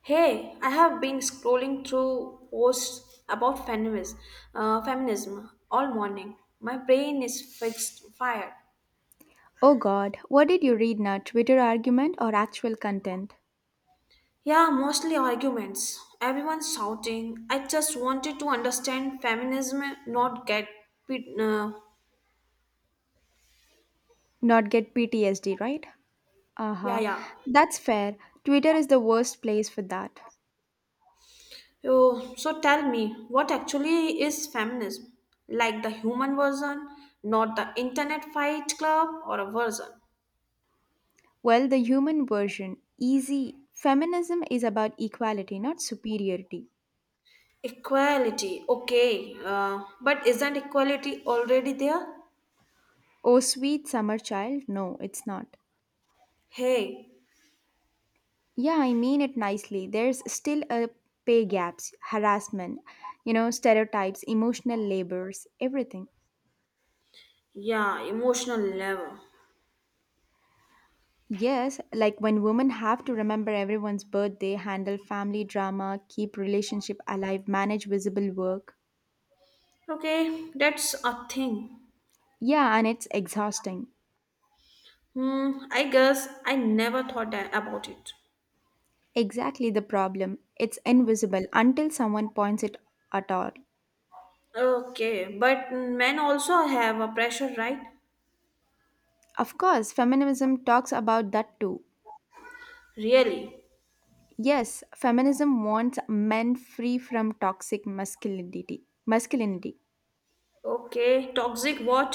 Hey, I have been scrolling through posts about feminism, feminism all morning. My brain is fixed fired. Oh god, what did you read now? Twitter argument or actual content? Yeah, mostly arguments. Everyone shouting. I just wanted to understand feminism, not get. pit- Uh, Not get PTSD, right? Uh yeah, huh. yeah. That's fair. Twitter is the worst place for that. Oh, so tell me, what actually is feminism? Like the human version, not the internet fight club or a version? Well, the human version, easy. Feminism is about equality, not superiority. Equality, okay. But isn't equality already there? Oh, sweet summer child, no, it's not. Hey, Yeah, I mean it nicely. There's still a pay gaps, harassment, stereotypes, emotional labors, everything. yeah, emotional level. Yes, like when women have to remember everyone's birthday, handle family drama, keep relationship alive, manage visible work. Okay, that's a thing. Yeah, and it's exhausting. Hmm, I guess I never thought that about it. Exactly the problem. It's invisible until someone points it at all. Okay, but men also have a pressure, right? Of course, feminism talks about that too. Really? Yes, feminism wants men free from toxic masculinity. Masculinity. Okay, toxic what?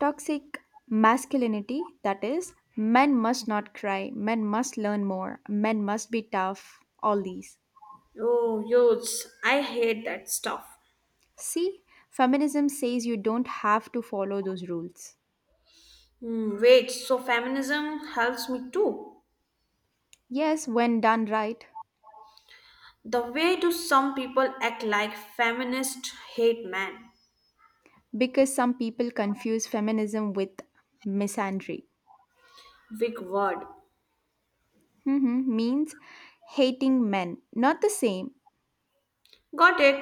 Toxic masculinity, that is, men must not cry, men must learn more, men must be tough, all these. Oh, youths, I hate that stuff. See, feminism says you don't have to follow those rules. Hmm, wait, so feminism helps me too? Yes, when done right, The way do some people act like feminist hate man? because some people confuse feminism with misandry. Big word. Hmm means hating men. Not the same. Got it.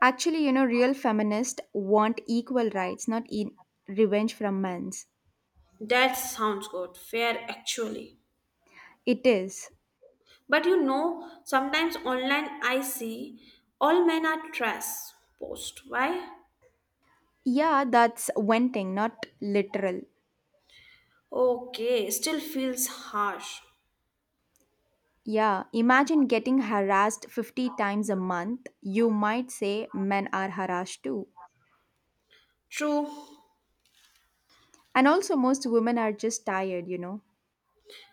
Actually, real feminists want equal rights, not revenge from men's. That sounds good. Fair actually. It is. But you know, sometimes online I see all men are trash post. Why? Yeah, that's venting, not literal. Okay, still feels harsh. Yeah, imagine getting harassed 50 times a month. You might say men are harassed too. True. And also, most women are just tired.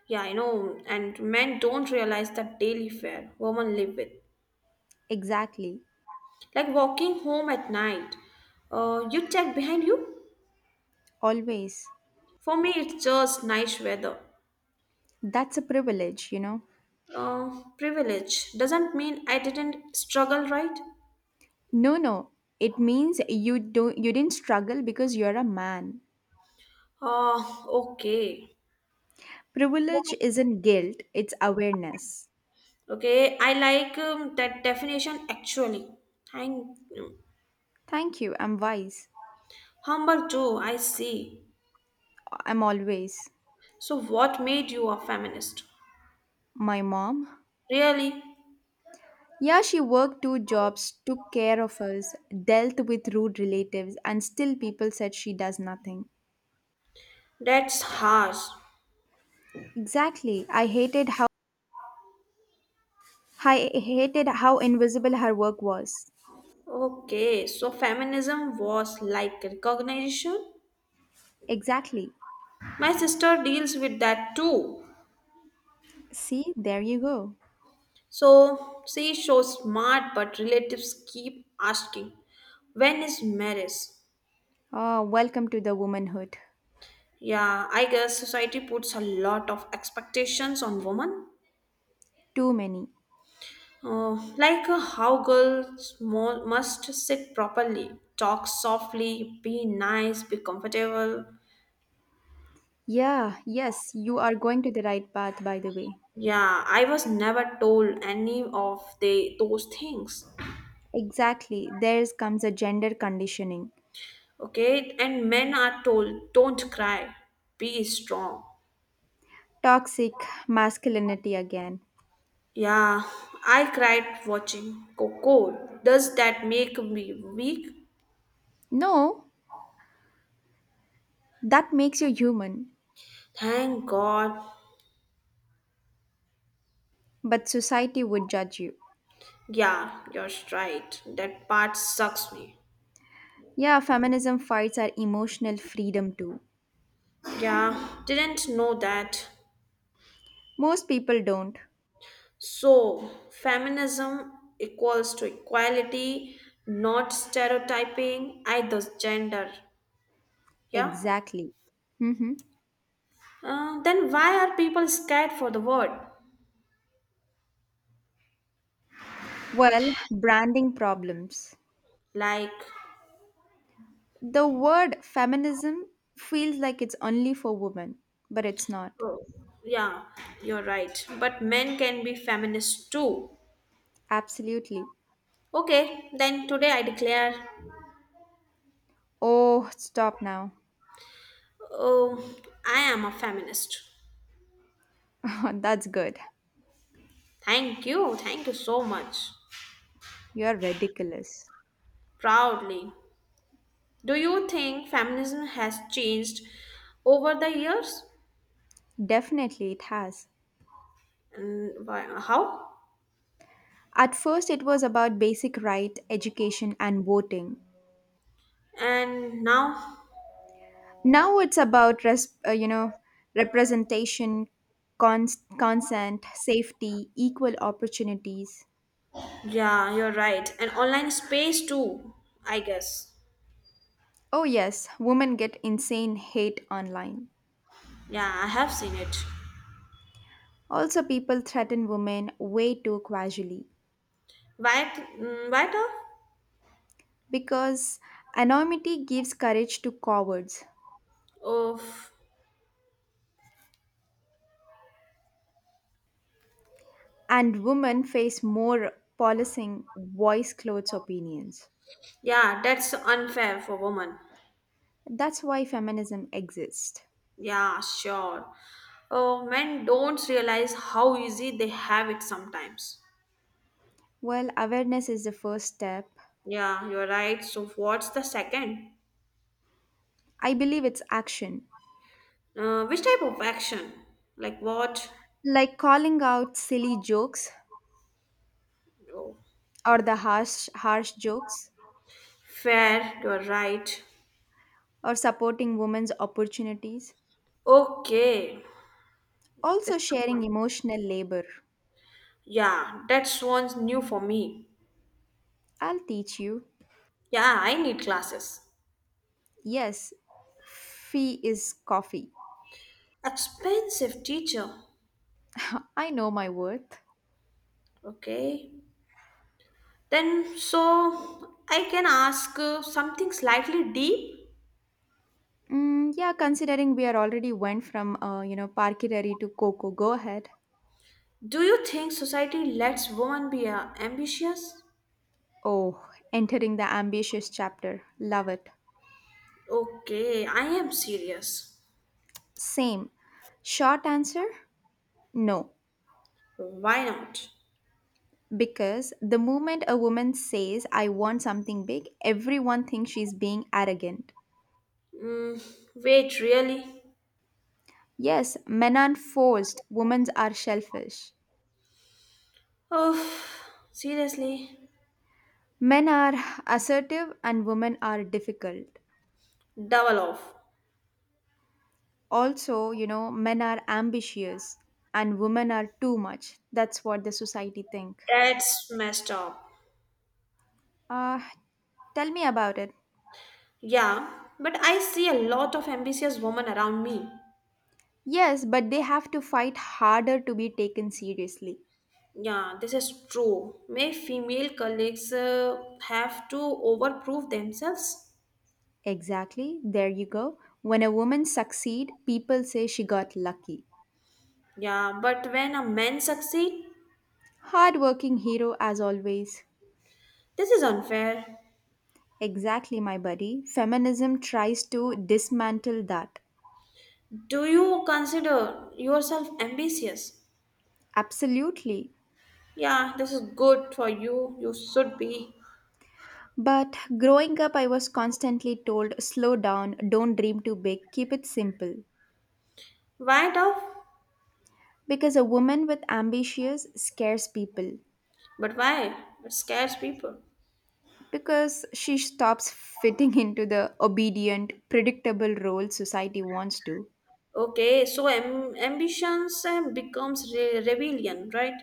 Yeah, I know. And men don't realize the daily fare women live with. Exactly. Like walking home at night. You check behind you? Always. For me, it's just nice weather. That's a privilege. Privilege doesn't mean I didn't struggle, right? No, no. It means you didn't struggle because you're a man. Ah, okay. Privilege isn't guilt, it's awareness. Okay, I like that definition actually. Thank you. Thank you. I'm wise. Humble too, I see. I'm always. So, what made you a feminist? My mom. Really? Yeah, she worked two jobs, took care of us, dealt with rude relatives, and still people said she does nothing. That's harsh. Exactly. I hated how invisible her work was. Okay, so feminism was like recognition. Exactly. My sister deals with that too. See, there you go. So she shows smart, but relatives keep asking, when is marriage? Ah, welcome to the womanhood. Yeah, I guess society puts a lot of expectations on women. Too many. Like how girls must sit properly, talk softly, be nice, be comfortable. Yeah, yes, you are going to the right path, by the way. Yeah, I was never told any of the those things. Exactly. There comes a gender conditioning. Okay, and men are told don't cry, be strong. Toxic masculinity again. Yeah, I cried watching Coco. Does that make me weak? No, that makes you human. Thank God. But society would judge you. Yeah, you're right. That part sucks me. Yeah, feminism fights our emotional freedom too. Yeah, didn't know that. Most people don't. So, feminism equals to equality, not stereotyping either gender. Yeah? Exactly. Hmm. Then why are people scared for the word? Well, branding problems. Like, The word feminism feels like it's only for women, but it's not. oh, yeah, you're right. But men can be feminists too. Absolutely. Okay, then today I declare, Oh, stop now. oh, I am a feminist. That's good. Thank you so much. You're ridiculous. Proudly. Do you think feminism has changed over the years? Definitely, it has. And why, how? At first, it was about basic right, education, and voting. And now? Now it's about representation, consent, safety, equal opportunities. Yeah, you're right. And online space too, I guess. Oh yes, women get insane hate online. Yeah, I have seen it. Also, people threaten women way too casually Wiped, wiped off? because anonymity gives courage to cowards, Oh, and women face more policing, voice, clothes, opinions. yeah, that's unfair for women. That's why feminism exists. Yeah, sure. Oh, men don't realize how easy they have it sometimes. Well, awareness is the first step. Yeah, you're right. So, what's the second? I believe it's action. Which type of action? Like what? Like calling out silly jokes Oh, or the harsh jokes fair, you're right. or supporting women's opportunities, Okay, also that's the sharing point. emotional labor. Yeah, that's one's new for me. I'll teach you. Yeah, I need classes. Yes, fee is coffee. Expensive teacher. I know my worth. Okay. Then, so I can ask something slightly deep. Mm, yeah, considering we are already went from parkirari to coco, go ahead. Do you think society lets women be ambitious? Oh, entering the ambitious chapter, love it. Okay, I am serious. Same. Short answer, no. Why not? Because the moment a woman says, I want something big, everyone thinks she's being arrogant. Mm, wait, really? Yes, men are forced, women are selfish. Oh, seriously, Men are assertive and women are difficult. double off. Also, men are ambitious and women are too much. That's what the society think. That's messed up. Uh, Tell me about it. Yeah, but I see a lot of ambitious women around me. Yes, but they have to fight harder to be taken seriously. Yeah, this is true. May female colleagues have to overprove themselves. Exactly, there you go. When a woman succeed, people say she got lucky. Yeah, but when a man succeed, Hardworking hero as always. this is unfair. Exactly, my buddy. Feminism tries to dismantle that. Do you consider yourself ambitious? Absolutely. Yeah, this is good for you. You should be. But growing up, I was constantly told slow down, don't dream too big, keep it simple. Why tough? Because a woman with ambitions scares people. But why? It scares people. Because she stops fitting into the obedient, predictable role society wants to. Okay, so ambitions becomes rebellion, right?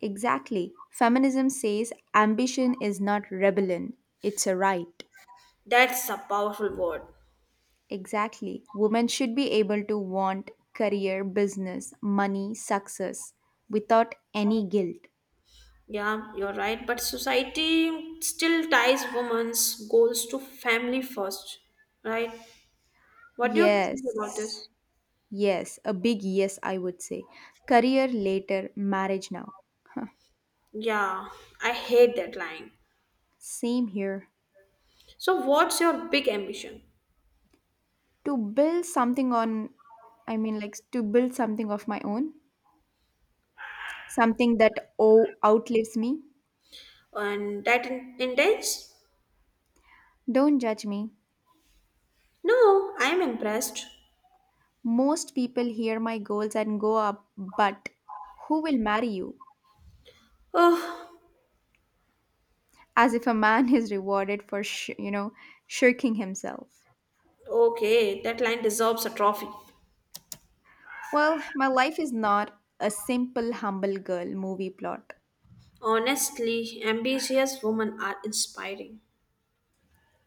Exactly. Feminism says ambition is not rebellion, it's a right. That's a powerful word. Exactly. Women should be able to want career, business, money, success without any guilt. Yeah, you're right. But society still ties women's goals to family first, right? What do you think about Yes. this? Yes. A big yes, I would say. Career later, marriage now. Huh. Yeah, I hate that line. Same here. So, what's your big ambition? To build something on, I mean, like to build something of my own, something that oh, outlives me. And that intense? Don't judge me. No, I'm impressed. Most people hear my goals and go up, but who will marry you? Oh, As if a man is rewarded for, shirking himself. okay, that line deserves a trophy. Well, my life is not a simple humble girl movie plot. Honestly, ambitious women are inspiring.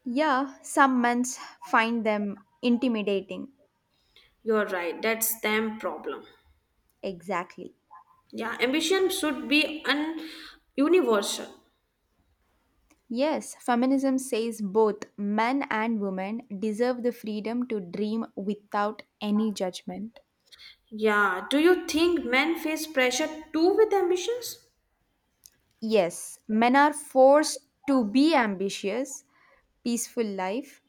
Yeah, some men find them intimidating. You're right. That's them problem. Exactly. Yeah, ambition should be un universal. Yes, feminism says both men and women deserve the freedom to dream without any judgment. Yeah. Do you think men face pressure too with ambitions? Yes, men are forced to be ambitious, peaceful life.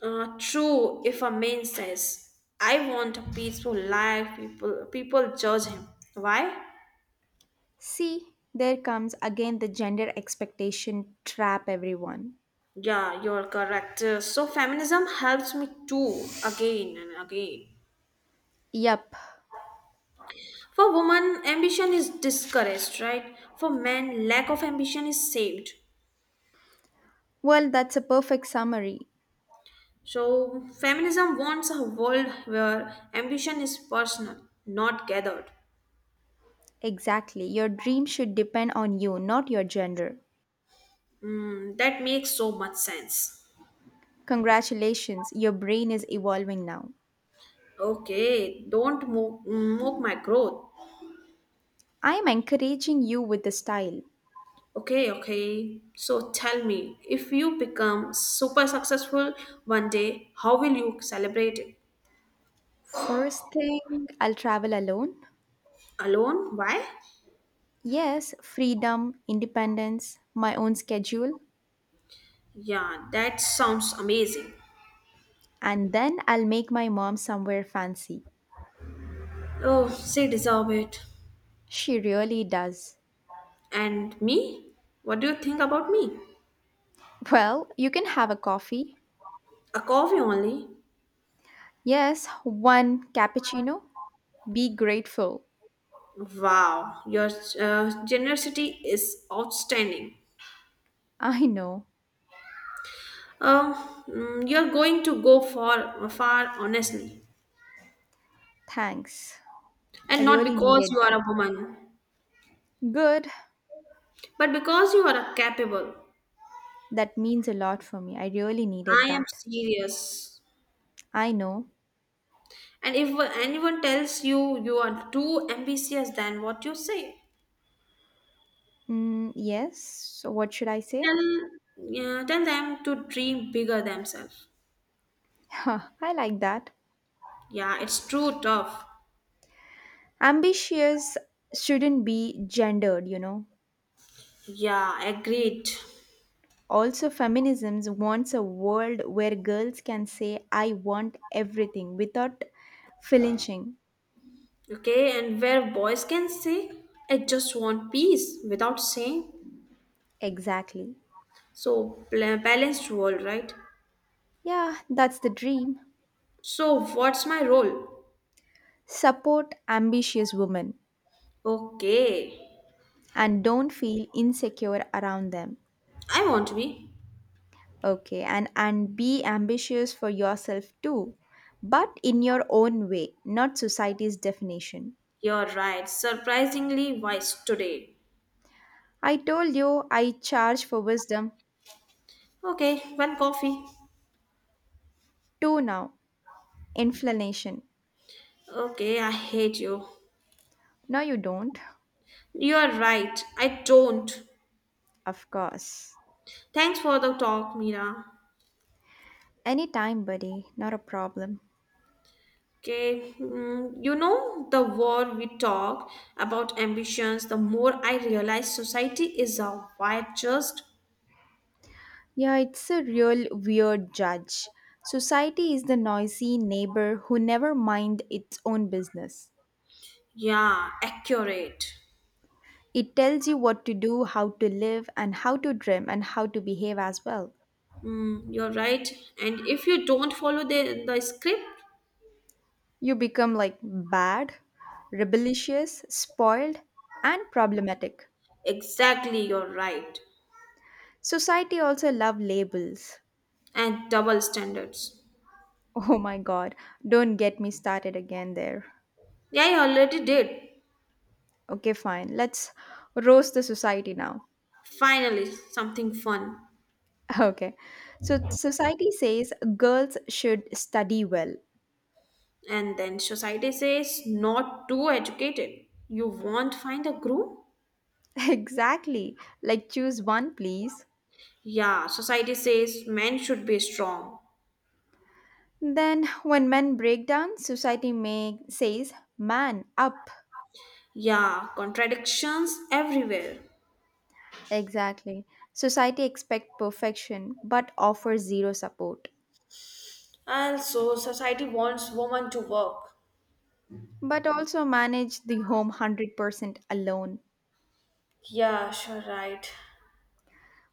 True. If a man says, "I want a peaceful life," people judge him. Why? See, there comes again the gender expectation trap, everyone. Yeah, you're correct. So feminism helps me too, again and again. Yup. For women, ambition is discouraged, right? For men, lack of ambition is saved. Well, that's a perfect summary. So, feminism wants a world where ambition is personal, not gathered. Exactly. Your dream should depend on you, not your gender. Mm, that makes so much sense. Congratulations, your brain is evolving now. Okay, don't mock my growth. I am encouraging you with the style. Okay, okay. So tell me, if you become super successful one day, how will you celebrate it? First thing, I'll travel alone. Alone? Why? Yes, freedom, independence, my own schedule. Yeah, that sounds amazing. And then I'll make my mom somewhere fancy. Oh, she deserve it. She really does. And me? What do you think about me? Well, you can have a coffee. A coffee only. Yes, one cappuccino. Be grateful. Wow, your generosity is outstanding. I know. Um, you're going to go for far honestly, Thanks. I and not really because needed you are that. a woman, Good. but because you are a capable. That means a lot for me. I really needed I am that. serious. I know. And if anyone tells you you are too ambitious than what you say, Mm, yes. So what should I say? tell yeah, tell them to dream bigger themselves. I like that. Yeah, it's true tough. Ambitious shouldn't be gendered. Yeah, agreed. Also, feminism wants a world where girls can say, I want everything without flinching. Okay, and where boys can say, I just want peace without saying. Exactly. So, balanced role, right? Yeah, that's the dream. So, what's my role? Support ambitious women Okay, and don't feel insecure around them. I want to be. Okay, and be ambitious for yourself too, but in your own way, not society's definition. You're right, surprisingly wise today. I told you I charge for wisdom Okay, one coffee. too now. Inflammation. Okay, I hate you. No, you don't. You're right, I don't. Of course. Thanks for the talk, Mira. Anytime, buddy. Not a problem. Okay, you know, the more we talk about ambitions, the more I realize society is a wide, just, Yeah, it's a real weird judge. Society is the noisy neighbor who never mind its own business. yeah, accurate. It tells you what to do, how to live, and how to dream, and how to behave as well. Mm, you're right. And if you don't follow the script, You become like bad, rebellious, spoiled, and problematic. exactly, you're right. Society also love labels. And double standards. Oh my god, don't get me started again there. Yeah, I already did. Okay, fine. Let's roast the society now. Finally, something fun. Okay. So society says girls should study well. And then society says, not too educated. You won't find a groom? Exactly. Like choose one, please. Yeah, society says men should be strong. Then when men break down, society may says man up. Yeah, contradictions everywhere. Exactly. Society expect perfection but offers zero support. Also, society wants women to work. But also manage the home 100% alone. Yeah, sure, right.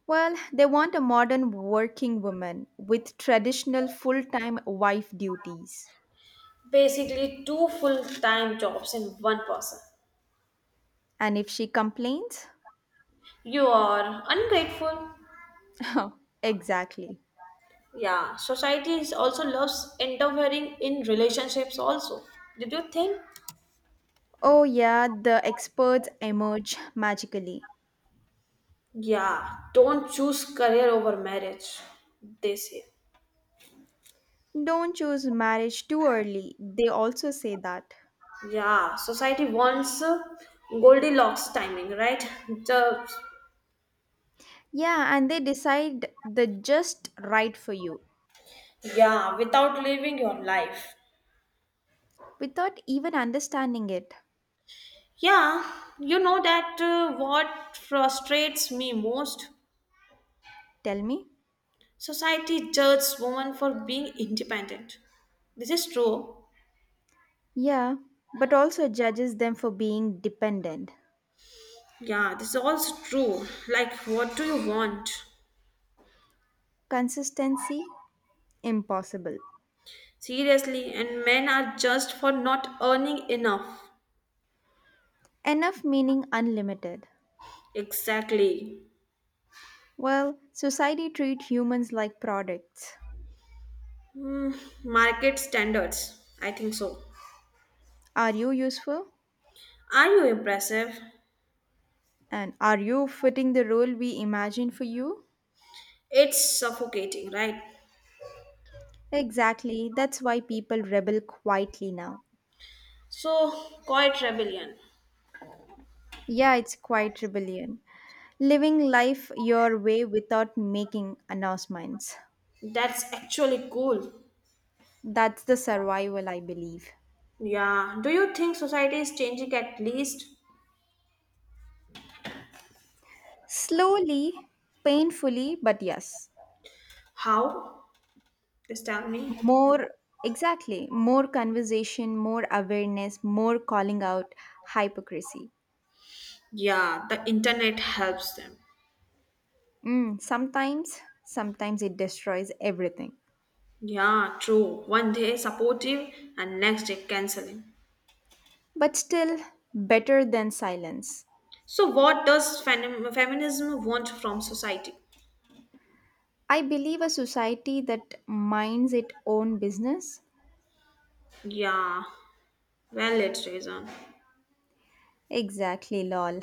Well, they want a modern working woman with traditional full-time wife duties. Basically, two full time jobs in one person. And if she complains, You are ungrateful. oh, exactly. Yeah, society is also loves interfering in relationships, also. Did you think? Oh, yeah, the experts emerge magically. Yeah, don't choose career over marriage, they say. Don't choose marriage too early. They also say that. Yeah, society wants Goldilocks timing, right? The Yeah, and they decide the just right for you yeah, without living your life. without even understanding it. Yeah, you know that what frustrates me most? Tell me? Society judges women for being independent. This is true. Yeah, but also judges them for being dependent. Yeah, this is also true. Like, what do you want? Consistency? Impossible. Seriously, and men are judged for not earning enough. Enough meaning unlimited. Exactly. Well, society treats humans like products. Hmm, market standards. I think so. Are you useful? Are you impressive? And are you fitting the role we imagine for you? It's suffocating, right? Exactly, that's why people rebel quietly now. So, quiet rebellion. Yeah, it's quite rebellion. Living life your way without making announcements. That's actually cool. That's the survival, I believe. Yeah. Do you think society is changing at least? Slowly, painfully, but yes. How? Just tell me. More, exactly, more conversation, more awareness, more calling out hypocrisy. Yeah, the internet helps them. Mm, sometimes, sometimes it destroys everything. Yeah, true. One day supportive and next day canceling. But still better than silence. So, what does feminism want from society? I believe a society that minds its own business. Yeah, valid reason. Exactly, lol.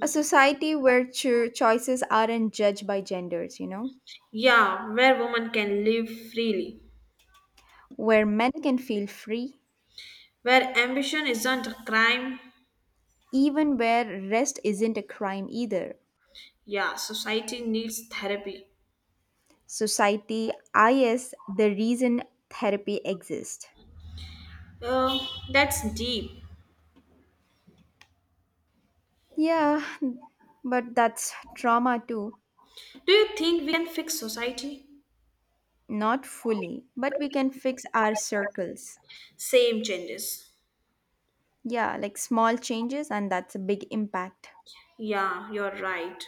A society where choices aren't judged by genders, Yeah, where women can live freely. where men can feel free, Where ambition isn't a crime. even where rest isn't a crime either. Yeah, society needs therapy. Society is the reason therapy exists. Uh, that's deep. Yeah, but that's trauma too. Do you think we can fix society? Not fully, but we can fix our circles. Same changes. Yeah, like small changes, and that's a big impact. Yeah, you're right.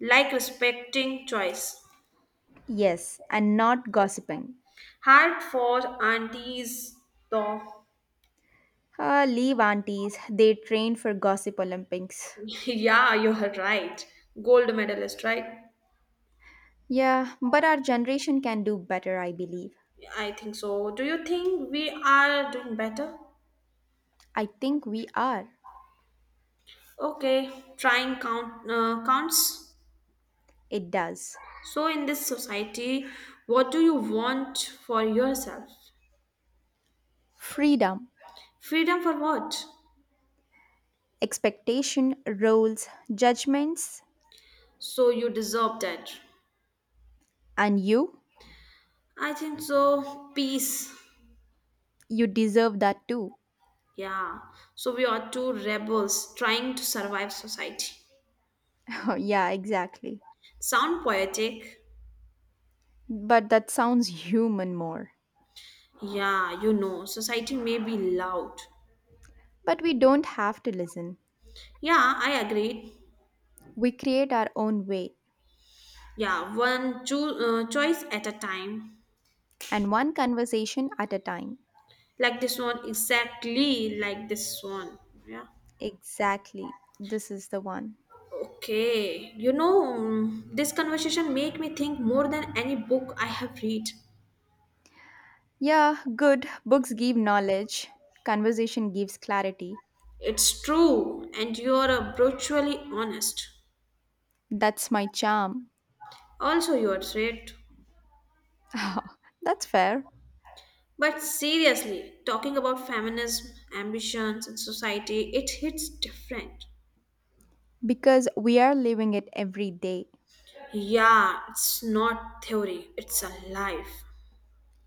Like respecting choice. Yes, and not gossiping. Hard for aunties, though. Ah, leave aunties, they train for gossip Olympics. Yeah, you're right. Gold medalist, right? Yeah, but our generation can do better, I believe. I think so. Do you think we are doing better? I think we are. Okay, trying counts. It does. So in this society, what do you want for yourself? Freedom, Freedom for what? expectation, roles, judgments, So you deserve that. and you, I think so. Peace. you deserve that too. Yeah. So we are two rebels trying to survive society. Yeah, exactly. Sound poetic? But that sounds human more. Yeah, you know, society may be loud. But we don't have to listen. Yeah, I agree. We create our own way. Yeah, one choice at a time. And one conversation at a time. Like this one, exactly like this one. Yeah. Exactly. This is the one. Okay. You know, this conversation make me think more than any book I have read. Yeah, good. Books give knowledge, conversation gives clarity. It's true, and you are brutally honest. That's my charm. Also, you are right. That's fair. But seriously, talking about feminism, ambitions, and society, it hits different. Because we are living it every day. Yeah, it's not theory, it's a life.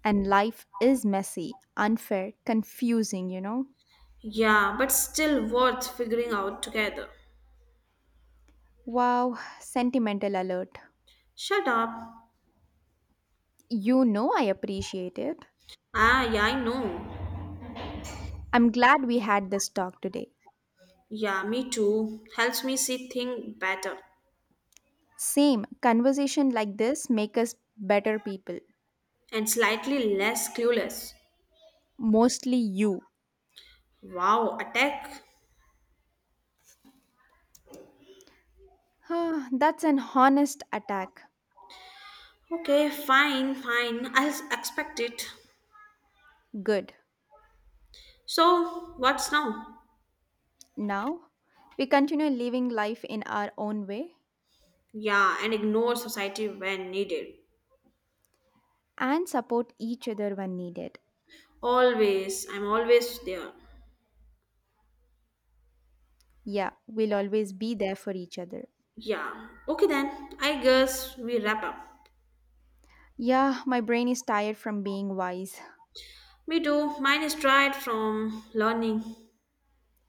And life is messy, unfair, confusing, Yeah, but still worth figuring out together. Wow, sentimental alert. Shut up. You know I appreciate it. Ah, yeah, I know. I'm glad we had this talk today. Yeah, me too. Helps me see things better Same, conversation like this make us better people. and slightly less clueless. Mostly you. Wow, attack. Ah, that's an honest attack. Okay, fine, fine. I'll expect it. Good. So, what's now? Now, we continue living life in our own way Yeah, and ignore society when needed. and support each other when needed. Always, I'm always there. Yeah, we'll always be there for each other. Yeah. Okay then, I guess we wrap up. Yeah, my brain is tired from being wise. Me too. Mine is tried from learning.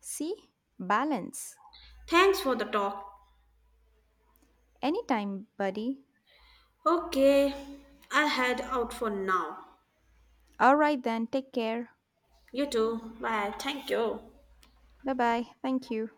See? Balance. Thanks for the talk. Anytime, buddy. Okay, I will head out for now. All right then, take care. You too. Bye. Thank you. Bye bye. Thank you.